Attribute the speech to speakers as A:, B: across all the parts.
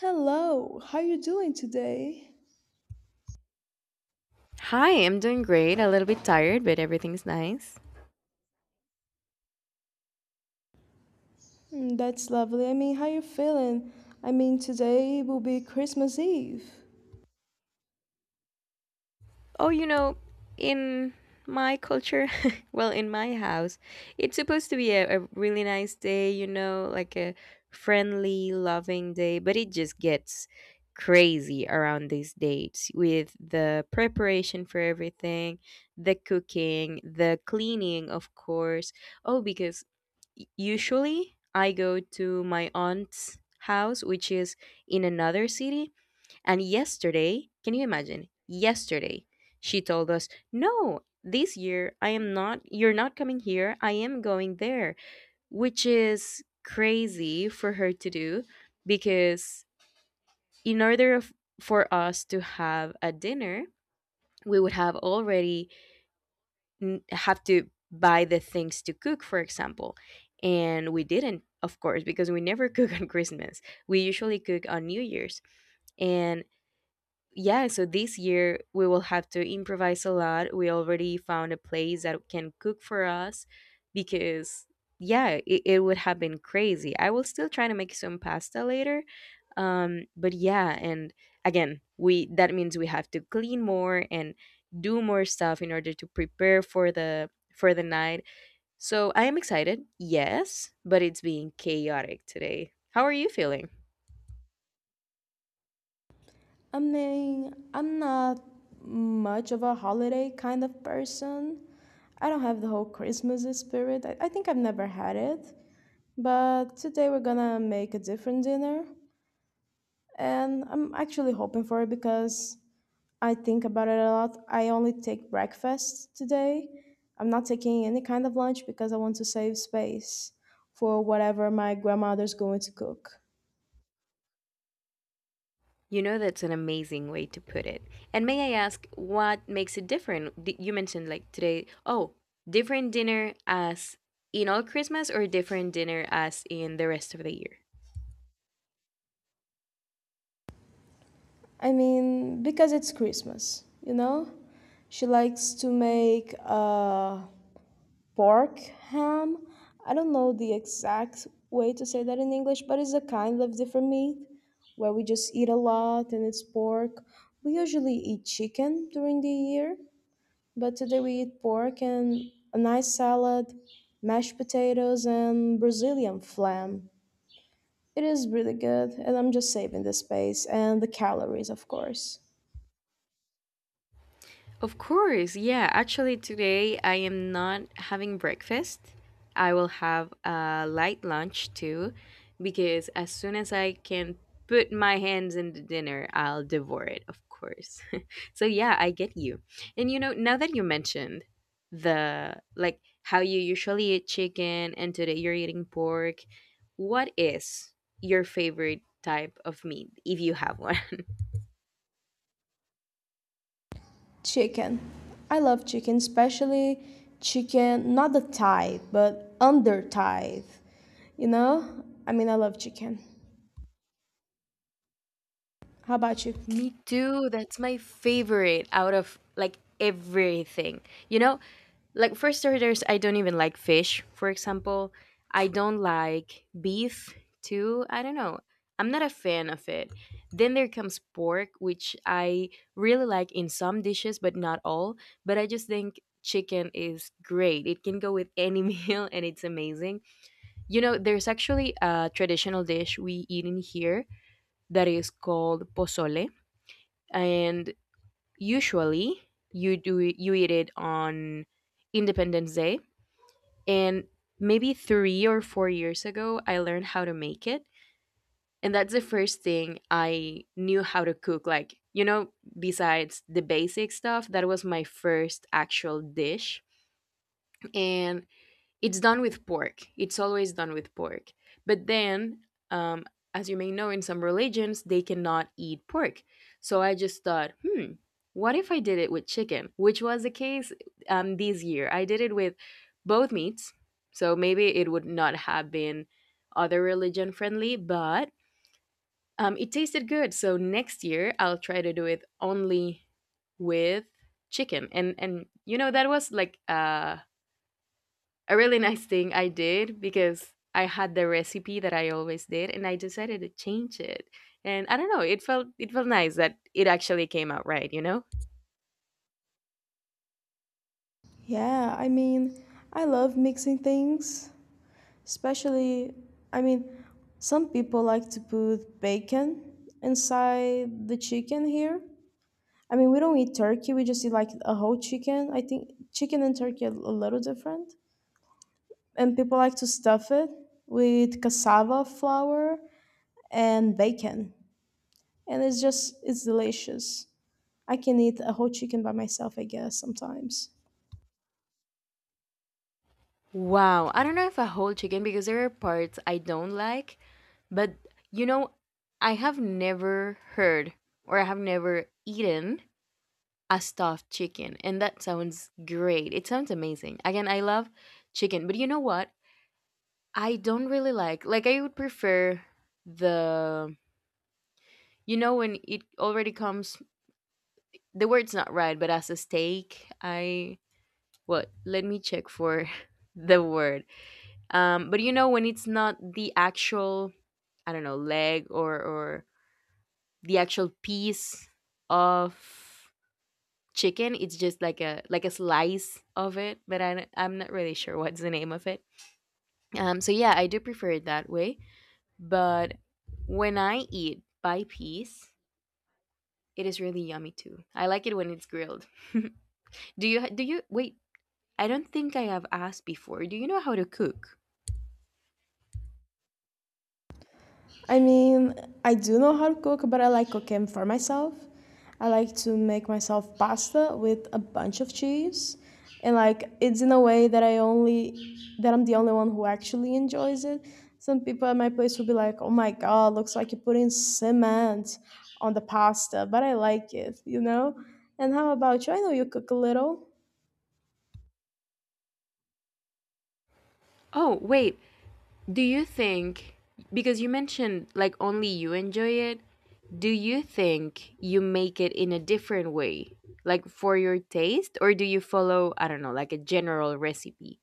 A: Hello, how you doing today?
B: Hi, I'm doing great. A little bit tired, but everything's nice.
A: Mm, that's lovely. I mean, how you feeling? I mean, today will be Christmas Eve.
B: Oh, you know, in my culture, well, in my house, it's supposed to be a really nice day, you know, like a friendly, loving day, but it just gets crazy around these dates with the preparation for everything, the cooking, the cleaning, of course. Oh, because usually I go to my aunt's house, which is in another city. And yesterday, can you imagine? Yesterday, she told us, "No, this year I am not you're not coming here. I am going there." Which is crazy for her to do because in order of, for us to have a dinner, we would have already have to buy the things to cook, for example. And we didn't, of course, because we never cook on Christmas. We usually cook on New Year's. And yeah, so this year we will have to improvise a lot. We already found a place that can cook for us, because yeah, it would have been crazy. I will still try to make some pasta later. But yeah, and again, we, that means we have to clean more and do more stuff in order to prepare for the night. So I am excited, yes, but it's being chaotic today. How are you feeling?
A: I mean, I'm not much of a holiday kind of person. I don't have the whole Christmas spirit. I think I've never had it. But today we're gonna make a different dinner. And I'm actually hoping for it because I think about it a lot. I only take breakfast today. I'm not taking any kind of lunch because I want to save space for whatever my grandmother's going to cook.
B: You know, that's an amazing way to put it. And may I ask what makes it different? You mentioned like today, oh, different dinner as in all Christmas or different dinner as in the rest of the year?
A: I mean, because it's Christmas, you know? She likes to make pork ham. I don't know the exact way to say that in English, but it's a kind of different meat where we just eat a lot and it's pork. We usually eat chicken during the year. But today we eat pork and a nice salad, mashed potatoes, and Brazilian flam. It is really good, and I'm just saving the space and the calories, of course.
B: Of course, yeah. Actually, today I am not having breakfast. I will have a light lunch too, because as soon as I can put my hands in the dinner, I'll devour it, of course. So, yeah, I get you. And you know, now that you mentioned the, like how you usually eat chicken and today you're eating pork, what is your favorite type of meat if you have one?
A: Chicken. I love chicken, especially chicken, not the thigh, but under thigh. You know? I mean, I love chicken. How about you?
B: Me too. That's my favorite out of like everything. You know, like first starters, I don't even like fish, for example. I don't like beef too. I don't know. I'm not a fan of it. Then there comes pork, which I really like in some dishes, but not all. But I just think chicken is great. It can go with any meal and it's amazing. You know, there's actually a traditional dish we eat in here that is called pozole, and usually you do it, you eat it on Independence Day. And maybe 3 or 4 years ago, I learned how to make it, and that's the first thing I knew how to cook. Like you know, besides the basic stuff, that was my first actual dish, and it's done with pork. It's always done with pork. But then, um, as you may know, in some religions, they cannot eat pork. So I just thought, hmm, what if I did it with chicken? Which was the case this year. I did it with both meats. So maybe it would not have been other religion friendly, but it tasted good. So next year, I'll try to do it only with chicken. And you know, that was like, a really nice thing I did because I had the recipe that I always did and I decided to change it. And I don't know, it felt nice that it actually came out right, you know?
A: Yeah, I mean, I love mixing things. Especially, I mean, some people like to put bacon inside the chicken here. I mean, we don't eat turkey, we just eat like a whole chicken. I think chicken and turkey are a little different. And people like to stuff it with cassava flour and bacon. And it's just, it's delicious. I can eat a whole chicken by myself, I guess, sometimes.
B: Wow, I don't know if a whole chicken, because there are parts I don't like, but you know, I have never heard or I have never eaten a stuffed chicken, and that sounds great. It sounds amazing. Again, I love chicken, but you know what? I don't really like. Like I would prefer the, you know, when it already comes, the word's not right, but as a steak, I what? Let me check for the word. But you know when it's not the actual, I don't know, leg or the actual piece of chicken, it's just like a slice of it, but I'm not really sure what's the name of it. So yeah, I do prefer it that way, but when I eat by piece, it is really yummy too. I like it when it's grilled. Do you wait? I don't think I have asked before. Do you know how to cook?
A: I mean, I do know how to cook, but I like cooking for myself. I like to make myself pasta with a bunch of cheese. And like it's in a way that I'm the only one who actually enjoys it. Some people at my place will be like, "Oh my god, looks like you are putting cement on the pasta," but I like it, you know? And how about you? I know you cook a little.
B: Oh, wait. Do you think, because you mentioned like only you enjoy it, do you think you make it in a different way? Like for your taste, or do you follow, I don't know, like a general recipe?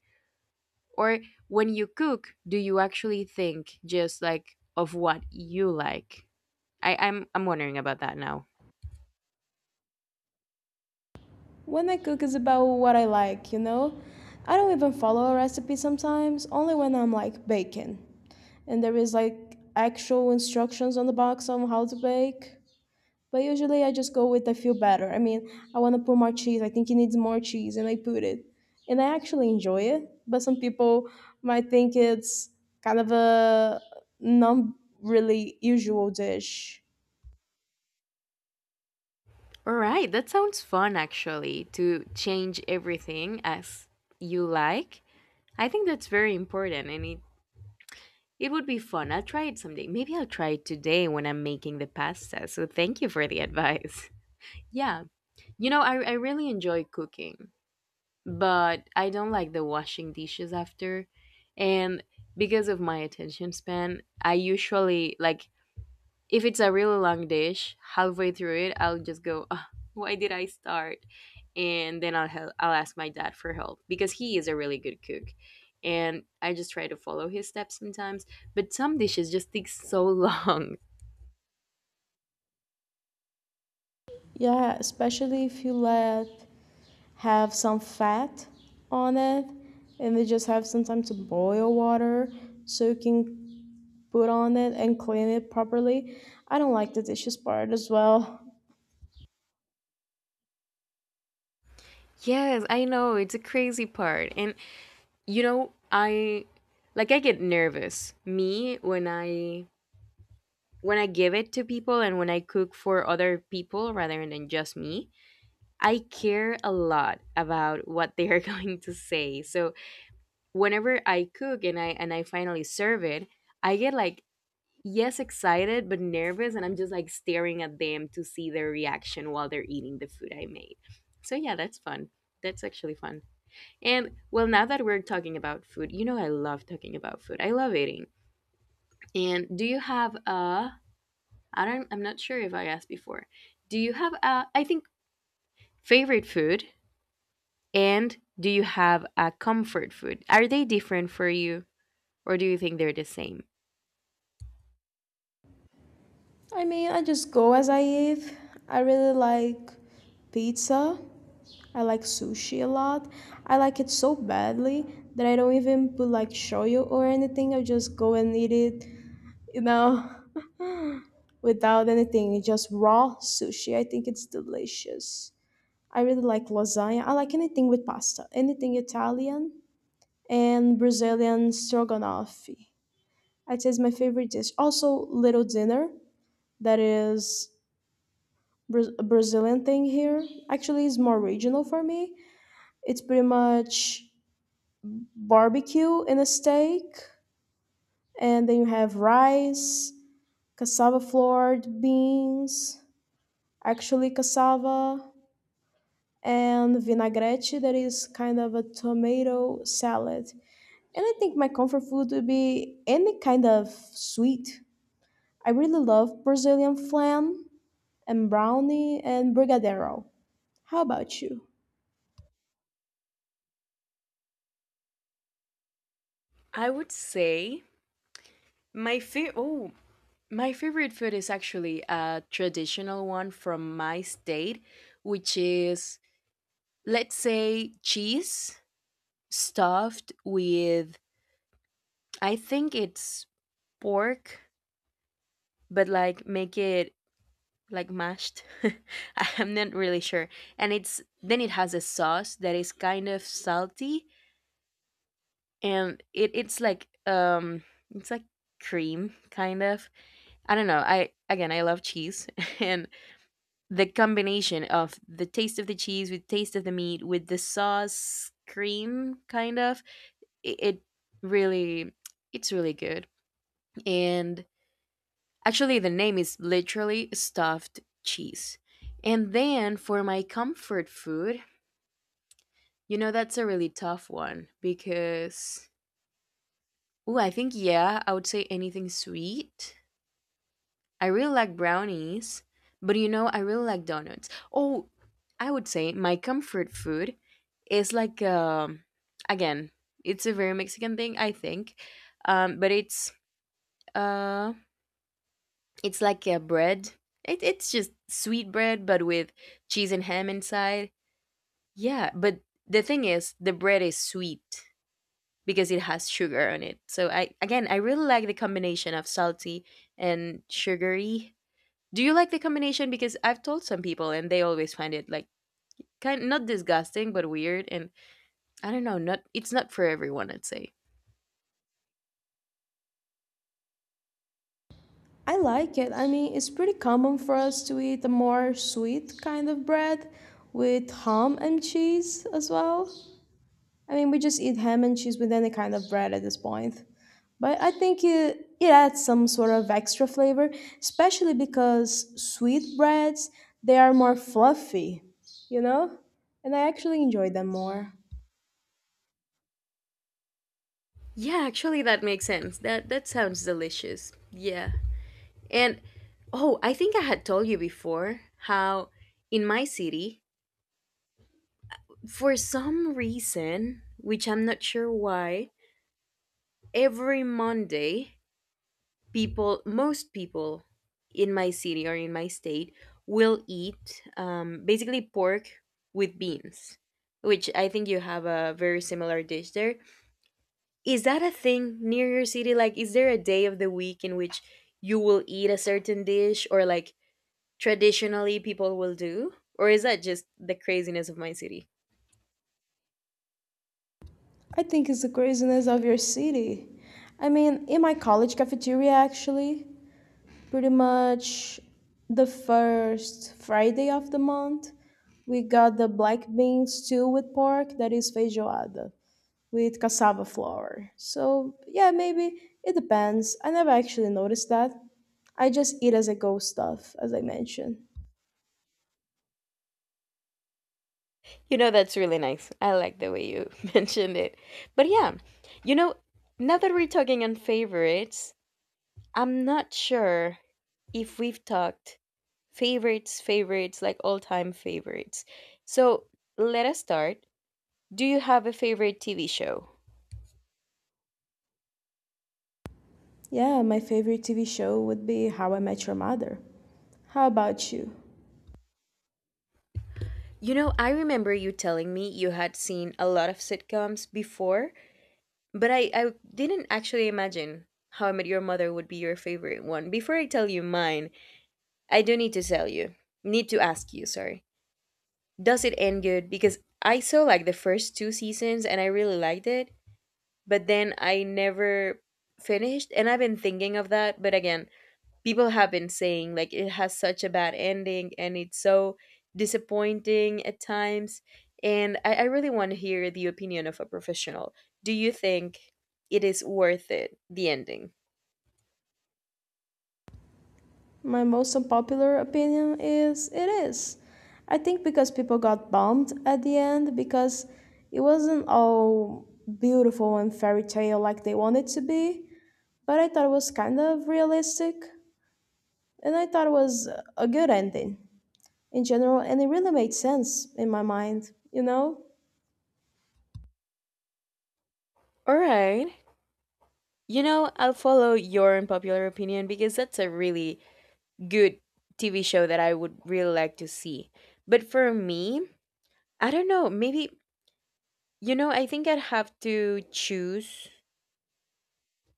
B: Or when you cook, do you actually think just like of what you like? I'm wondering about that now.
A: When I cook is about what I like, you know? I don't even follow a recipe sometimes, only when I'm like baking, and there is like actual instructions on the box on how to bake. But usually I just go with I feel better. I mean, I want to put more cheese. I think it needs more cheese, and I put it, and I actually enjoy it. But some people might think it's kind of a not really usual dish.
B: All right, that sounds fun actually, to change everything as you like. I think that's very important and it would be fun. I'll try it someday. Maybe I'll try it today when I'm making the pasta. So thank you for the advice. Yeah, you know, I really enjoy cooking, but I don't like the washing dishes after. And because of my attention span, I usually like if it's a really long dish, halfway through it, I'll just go, "Ugh, why did I start?" And then I'll help, I'll ask my dad for help because he is a really good cook, and I just try to follow his steps sometimes. But some dishes just take so long.
A: Yeah, especially if you let have some fat on it and they just have some time to boil water so you can put on it and clean it properly. I don't like the dishes part as well.
B: Yes, I know it's a crazy part, and you know I, like, I get nervous. Me when I, when I give it to people and when I cook for other people rather than just me, I care a lot about what they are going to say. So whenever I cook and I, and I finally serve it, I get like, yes, excited but nervous, and I'm just like staring at them to see their reaction while they're eating the food I made. So yeah, that's fun. That's actually fun. And well, now that we're talking about food, you know I love talking about food. I love eating. And do you have a, I don't, I'm not sure if I asked before. Do you have a, I think, favorite food? And do you have a comfort food? Are they different for you, or do you think they're the same?
A: I mean, I just go as I eat. I really like pizza. I like sushi a lot. I like it so badly that I don't even put like shoyu or anything. I just go and eat it, you know, without anything, just raw sushi. I think it's delicious. I really like lasagna. I like anything with pasta, anything Italian and Brazilian stroganoff. I'd say it's my favorite dish. Also, little dinner that is a Brazilian thing here. Actually, it's more regional for me. It's pretty much barbecue and a steak, and then you have rice, cassava flour, beans, actually cassava, and vinaigrette that is kind of a tomato salad. And I think my comfort food would be any kind of sweet. I really love Brazilian flan and brownie and brigadeiro. How about you?
B: I would say my fa- oh my favorite food is actually a traditional one from my state, which is, let's say, cheese stuffed with, I think it's pork, but like make it like mashed. I'm not really sure. And it's, then it has a sauce that is kind of salty, and it's like it's like cream kind of, I don't know, I, again, I love cheese and the combination of the taste of the cheese with taste of the meat with the sauce cream kind of, it really, it's really good. And actually the name is literally stuffed cheese. And then for my comfort food, you know, that's a really tough one, because oh, I think, yeah, I would say anything sweet. I really like brownies, but you know, I really like donuts. Oh, I would say my comfort food is like, again, it's a very Mexican thing, I think. But uh it's like a bread. It, it's just sweet bread but with cheese and ham inside. Yeah, but the thing is the bread is sweet because it has sugar on it. So I, again, I really like the combination of salty and sugary. Do you like the combination? Because I've told some people and they always find it like kind, not disgusting but weird, and I don't know, not, it's not for everyone, I'd say.
A: I like it. I mean, it's pretty common for us to eat a more sweet kind of bread with ham and cheese as well. I mean, we just eat ham and cheese with any kind of bread at this point. But I think it adds some sort of extra flavor, especially because sweet breads, they are more fluffy, you know? And I actually enjoy them more.
B: Yeah, actually that makes sense. That, that sounds delicious. Yeah. And oh, I think I had told you before how in my city, for some reason, which I'm not sure why, every Monday people, most people in my city or in my state will eat basically pork with beans, which I think you have a very similar dish there. Is that a thing near your city, like, is there a day of the week in which you will eat a certain dish or like traditionally people will do, or is that just the craziness of my city?
A: I think it's the craziness of your city. I mean, in my college cafeteria, actually, pretty much the first Friday of the month, we got the black bean stew with pork that is feijoada, with cassava flour. So, yeah, maybe it depends. I never actually noticed that. I just eat as I go stuff, as I mentioned.
B: You know, that's really nice. I like the way you mentioned it. But yeah, you know, now that we're talking on favorites, I'm not sure if we've talked favorites, favorites, like all time favorites. So let us start. Do you have a favorite TV show?
A: Yeah, my favorite TV show would be How I Met Your Mother. How about you?
B: You know, I remember you telling me you had seen a lot of sitcoms before, but I didn't actually imagine How I Met Your Mother would be your favorite one. Before I tell you mine, I do need to tell you, need to ask you, sorry. Does it end good? Because I saw like the first two seasons and I really liked it, but then I never finished. And I've been thinking of that. But again, people have been saying like it has such a bad ending and it's so disappointing at times. And I really want to hear the opinion of a professional. Do you think it is worth it, the ending?
A: My most unpopular opinion is it is. I think because people got bummed at the end because it wasn't all beautiful and fairy tale like they wanted to be, but I thought it was kind of realistic and I thought it was a good ending in general, and it really made sense in my mind, you know?
B: All right. You know, I'll follow your unpopular opinion because that's a really good TV show that I would really like to see. But for me, I don't know, maybe. You know, I think I'd have to choose,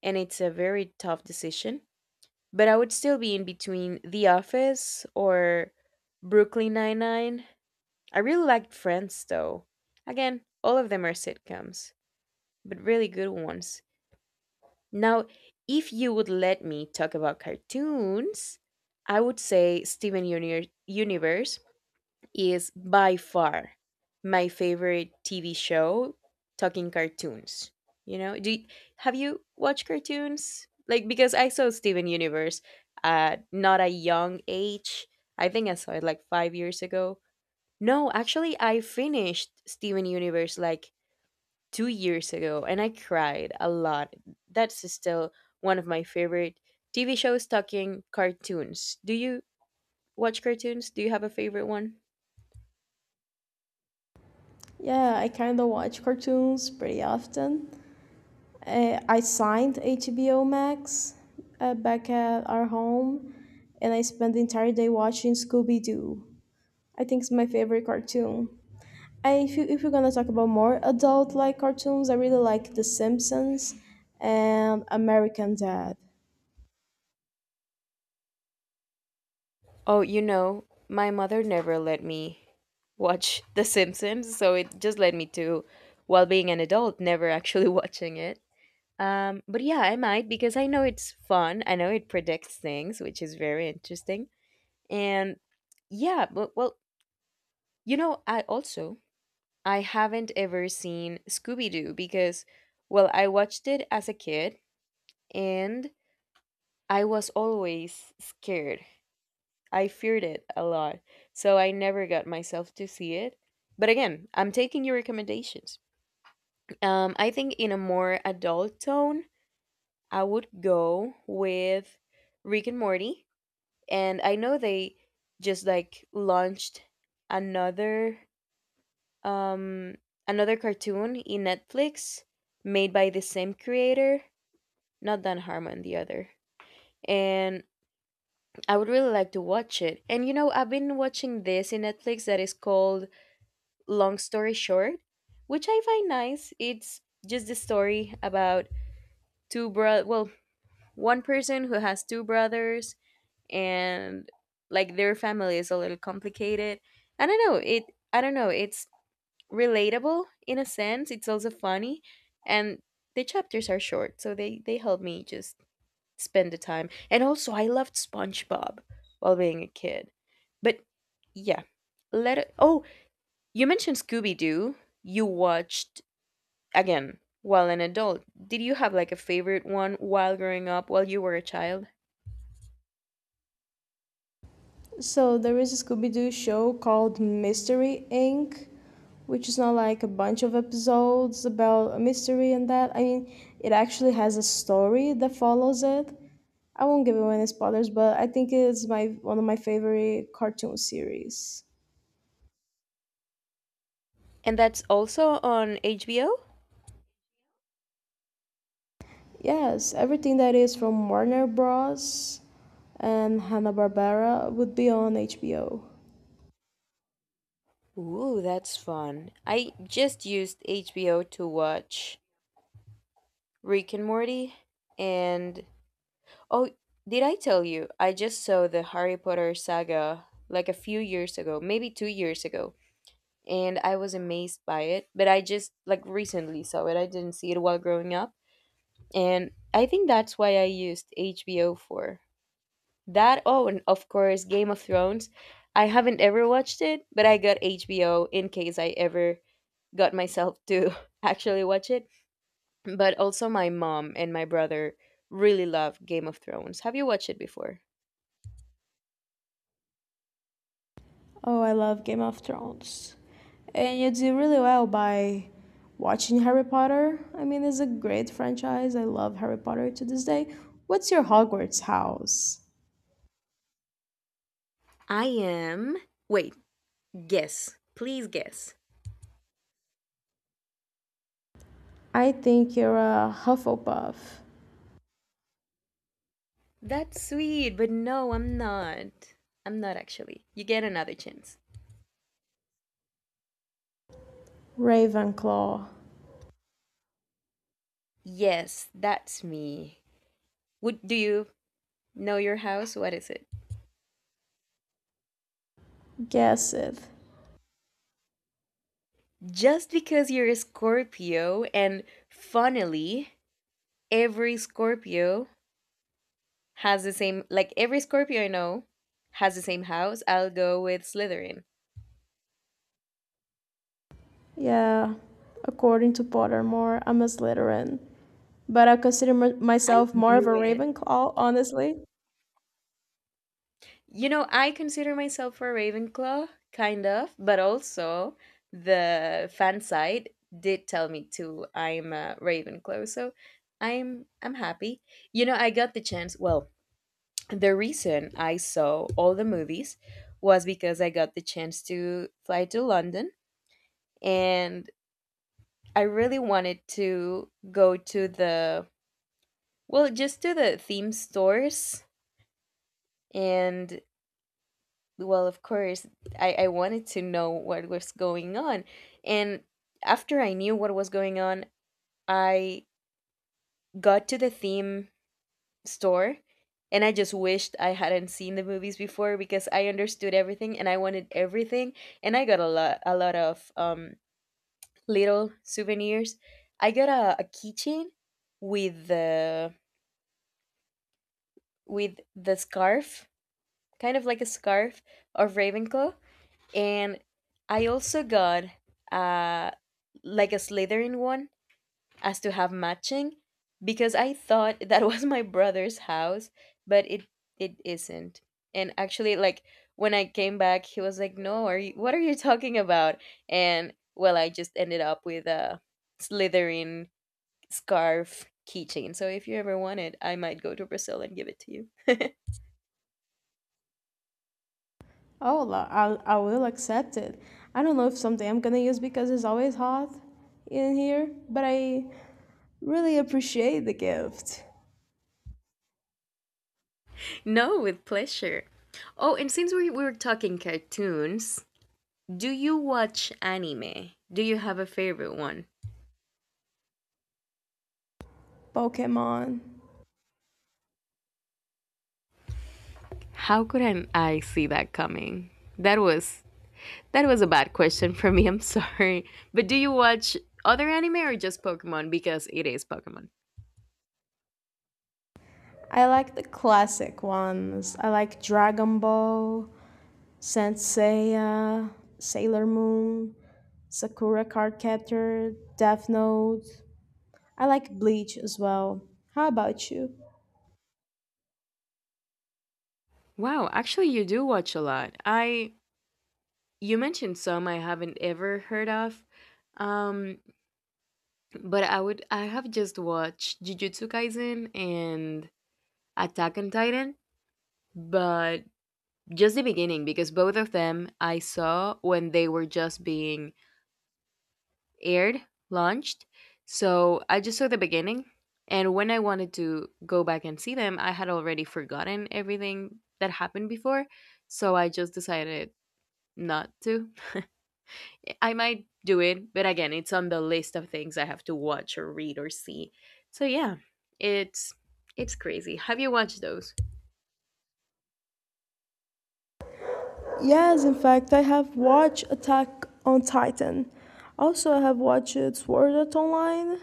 B: and it's a very tough decision, but I would still be in between The Office or Brooklyn Nine-Nine. I really liked Friends, though. Again, all of them are sitcoms, but really good ones. Now, if you would let me talk about cartoons, I would say Steven Universe is by far my favorite TV show talking cartoons. You know, have you watched cartoons? Like because I saw Steven Universe at not a young age. I think I saw it like 5 years ago. No, actually I finished Steven Universe like 2 years ago and I cried a lot. That's still one of my favorite TV shows talking cartoons. Do you watch cartoons? Do you have a favorite one?
A: Yeah, I kind of watch cartoons pretty often. I signed HBO Max back at our home, and I spent the entire day watching Scooby Doo. I think it's my favorite cartoon. I, if, you, if you're gonna talk about more adult like cartoons, I really like The Simpsons and American Dad.
B: Oh, you know, my mother never let me watch The Simpsons, so it just led me to, while being an adult, never actually watching it. But yeah, I might because I know it's fun. I know it predicts things, which is very interesting. And yeah, but well, you know, I also I haven't ever seen Scooby Doo because, well, I watched it as a kid and I was always scared. I feared it a lot, so I never got myself to see it. But again, I'm taking your recommendations. I think in a more adult tone, I would go with Rick and Morty. And I know they just like launched another um another cartoon in Netflix made by the same creator, not Dan Harmon, the other. And I would really like to watch it. And you know, I've been watching this in Netflix that is called Long Story Short, which I find nice. It's just the story about two bro well, one person who has two brothers and like their family is a little complicated. I don't know, it I don't know, it's relatable in a sense. It's also funny, and the chapters are short, so they help me just spend the time. And also I loved SpongeBob while being a kid. But yeah, oh, you mentioned Scooby Doo. You watched again while an adult, did you have like a favorite one while growing up, while you were a child?
A: So there is a Scooby Doo show called Mystery Inc., which is not like a bunch of episodes about a mystery and that. I mean, it actually has a story that follows it. I won't give away any spoilers, but I think it's my one of my favorite cartoon series.
B: And that's also on HBO?
A: Yes, everything that is from Warner Bros. And Hanna Barbera would be on HBO.
B: Ooh, that's fun. I just used HBO to watch Rick and Morty. And oh, did I tell you I just saw the Harry Potter saga like a few years ago, maybe 2 years ago? And I was amazed by it, but I just like recently saw it. I didn't see it while growing up, and I think that's why I used HBO for that. Oh, and of course, Game of Thrones. I haven't ever watched it, but I got HBO in case I ever got myself to actually watch it. But also, my mom and my brother really love Game of Thrones. Have you watched it before?
A: Oh, I love Game of Thrones. And you do really well by watching Harry Potter. I mean, it's a great franchise. I love Harry Potter to this day. What's your Hogwarts house?
B: I am. Wait, guess. Please guess.
A: I think you're a Hufflepuff.
B: That's sweet, but no, I'm not. I'm not actually. You get another chance.
A: Ravenclaw.
B: Yes, that's me. Would do you know your house? What is it?
A: Guess it.
B: Just because you're a Scorpio, and funnily, every Scorpio has the same, like every Scorpio I know has the same house, I'll go with Slytherin.
A: Yeah, according to Pottermore, I'm a Slytherin. But I consider
B: I
A: myself more of a
B: knew it.
A: Ravenclaw, honestly.
B: You know, I consider myself a Ravenclaw, kind of, but also the fan side did tell me too I'm a Ravenclaw, so I'm happy. You know, I got the chance. Well, the reason I saw all the movies was because I got the chance to fly to London and I really wanted to go to the, well, just to the theme stores, and well of course I wanted to know what was going on, and after I knew what was going on I got to the theme store, and I just wished I hadn't seen the movies before because I understood everything and I wanted everything. And I got a lot of little souvenirs. I got a keychain with the with the scarf, kind of like a scarf of Ravenclaw, and I also got uh like a Slytherin one as to have matching because I thought that was my brother's house, but it isn't. And actually, like when I came back, he was like, "No, are you? What are you talking about?" And well, I just ended up with a Slytherin scarf keychain. So if you ever want it, I might go to Brazil and give it to you.
A: Oh, I will accept it. I don't know if someday I'm gonna use because it's always hot in here, but I really appreciate the gift.
B: No, with pleasure. Oh, and since we were talking cartoons, do you watch anime? Do you have a favorite one?
A: Pokemon.
B: How couldn't I see that coming? That was that was a bad question for me. I'm sorry. But do you watch other anime or just Pokemon because it is Pokemon?
A: I like the classic ones. I like Dragon Ball, Senseiya, Sailor Moon, Sakura Card Captor, Death Note. I like Bleach as well. How about you?
B: Wow, actually you do watch a lot. I, you mentioned some I haven't ever heard of. Um but I would, I have just watched Jujutsu Kaisen and Attack on Titan, but just the beginning because both of them I saw when they were just being aired launched. So I just saw the beginning. And when I wanted to go back and see them, I had already forgotten everything that happened before. So I just decided not to. I might do it, but again, it's on the list of things I have to watch or read or see. So yeah, it's it's crazy. Have you watched those?
A: Yes, in fact, I have watched Attack on Titan. Also, I have watched Sword Art Online.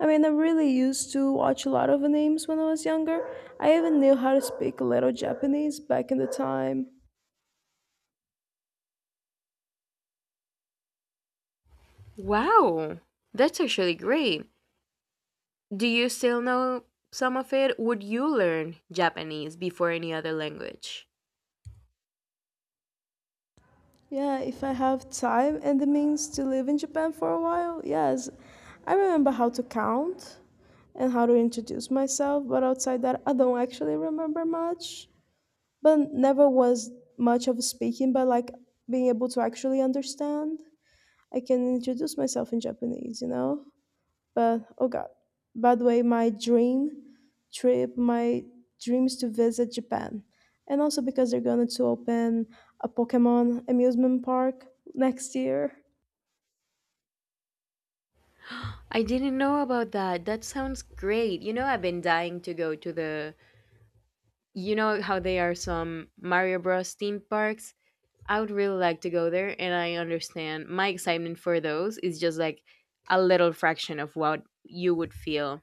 A: I mean, I really used to watch a lot of animes when I was younger. I even knew how to speak a little Japanese back in the time.
B: Wow. That's actually great. Do you still know some of it? Would you learn Japanese before any other language?
A: Yeah, if I have time and the means to live in Japan for a while, yes. I remember how to count and how to introduce myself, but outside that, I don't actually remember much. But never was much of speaking, but like being able to actually understand. I can introduce myself in Japanese, you know? But oh god. By the way, my dream trip, my dream is to visit Japan. And also because they're going to open a Pokemon amusement park next year.
B: I didn't know about that. That sounds great. You know, I've been dying to go to the. You know how they are some Mario Bros. Theme parks? I would really like to go there, and I understand my excitement for those is just like a little fraction of what you would feel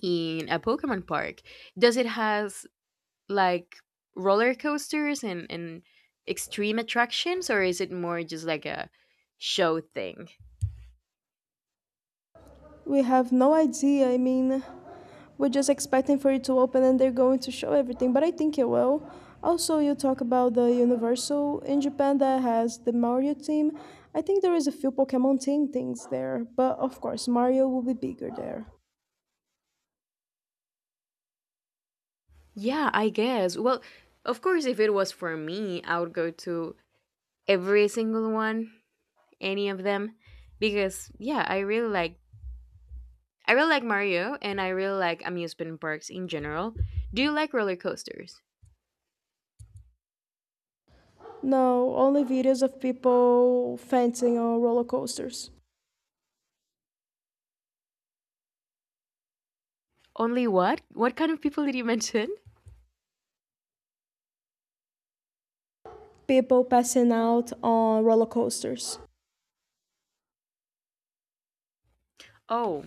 B: in a Pokemon park. Does it has like roller coasters and extreme attractions, or is it more just like a show thing?
A: We have no idea. I mean, we're just expecting for it to open and they're going to show everything, but I think it will. Also, you talk about the Universal in Japan that has the Mario team. I think there is a few Pokemon team things there, but of course, Mario will be bigger there.
B: Yeah, I guess. Well, of course, if it was for me, I would go to every single one, any of them, because yeah, I really like, I really like Mario, and I really like amusement parks in general. Do you like roller coasters?
A: No, only videos of people fencing on roller coasters.
B: Only what? What kind of people did you mention?
A: People passing out on roller coasters.
B: Oh,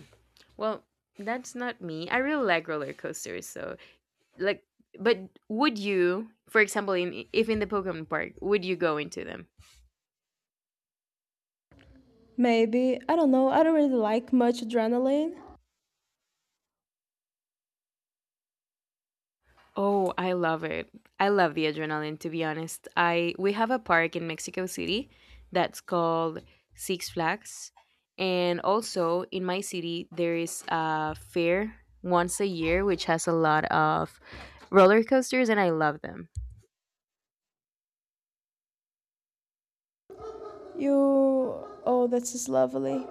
B: well, that's not me. I really like roller coasters, so like, but would you, for example, in if in the Pokemon Park, would you go into them?
A: Maybe. I don't know. I don't really like much adrenaline.
B: Oh, I love it. I love the adrenaline to be honest. I we have a park in Mexico City that's called Six Flags. And also in my city there is a fair once a year which has a lot of roller coasters and I love them.
A: You. Oh, this is lovely.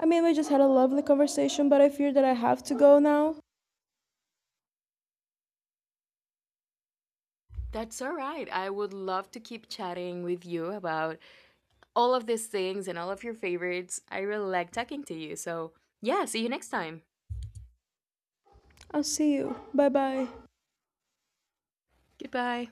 A: I mean, we just had a lovely conversation, but I fear that I have to go now.
B: That's all right. I would love to keep chatting with you about all of these things and all of your favorites. I really like talking to you. So, yeah, see you next time.
A: I'll see you. Bye bye.
B: Goodbye.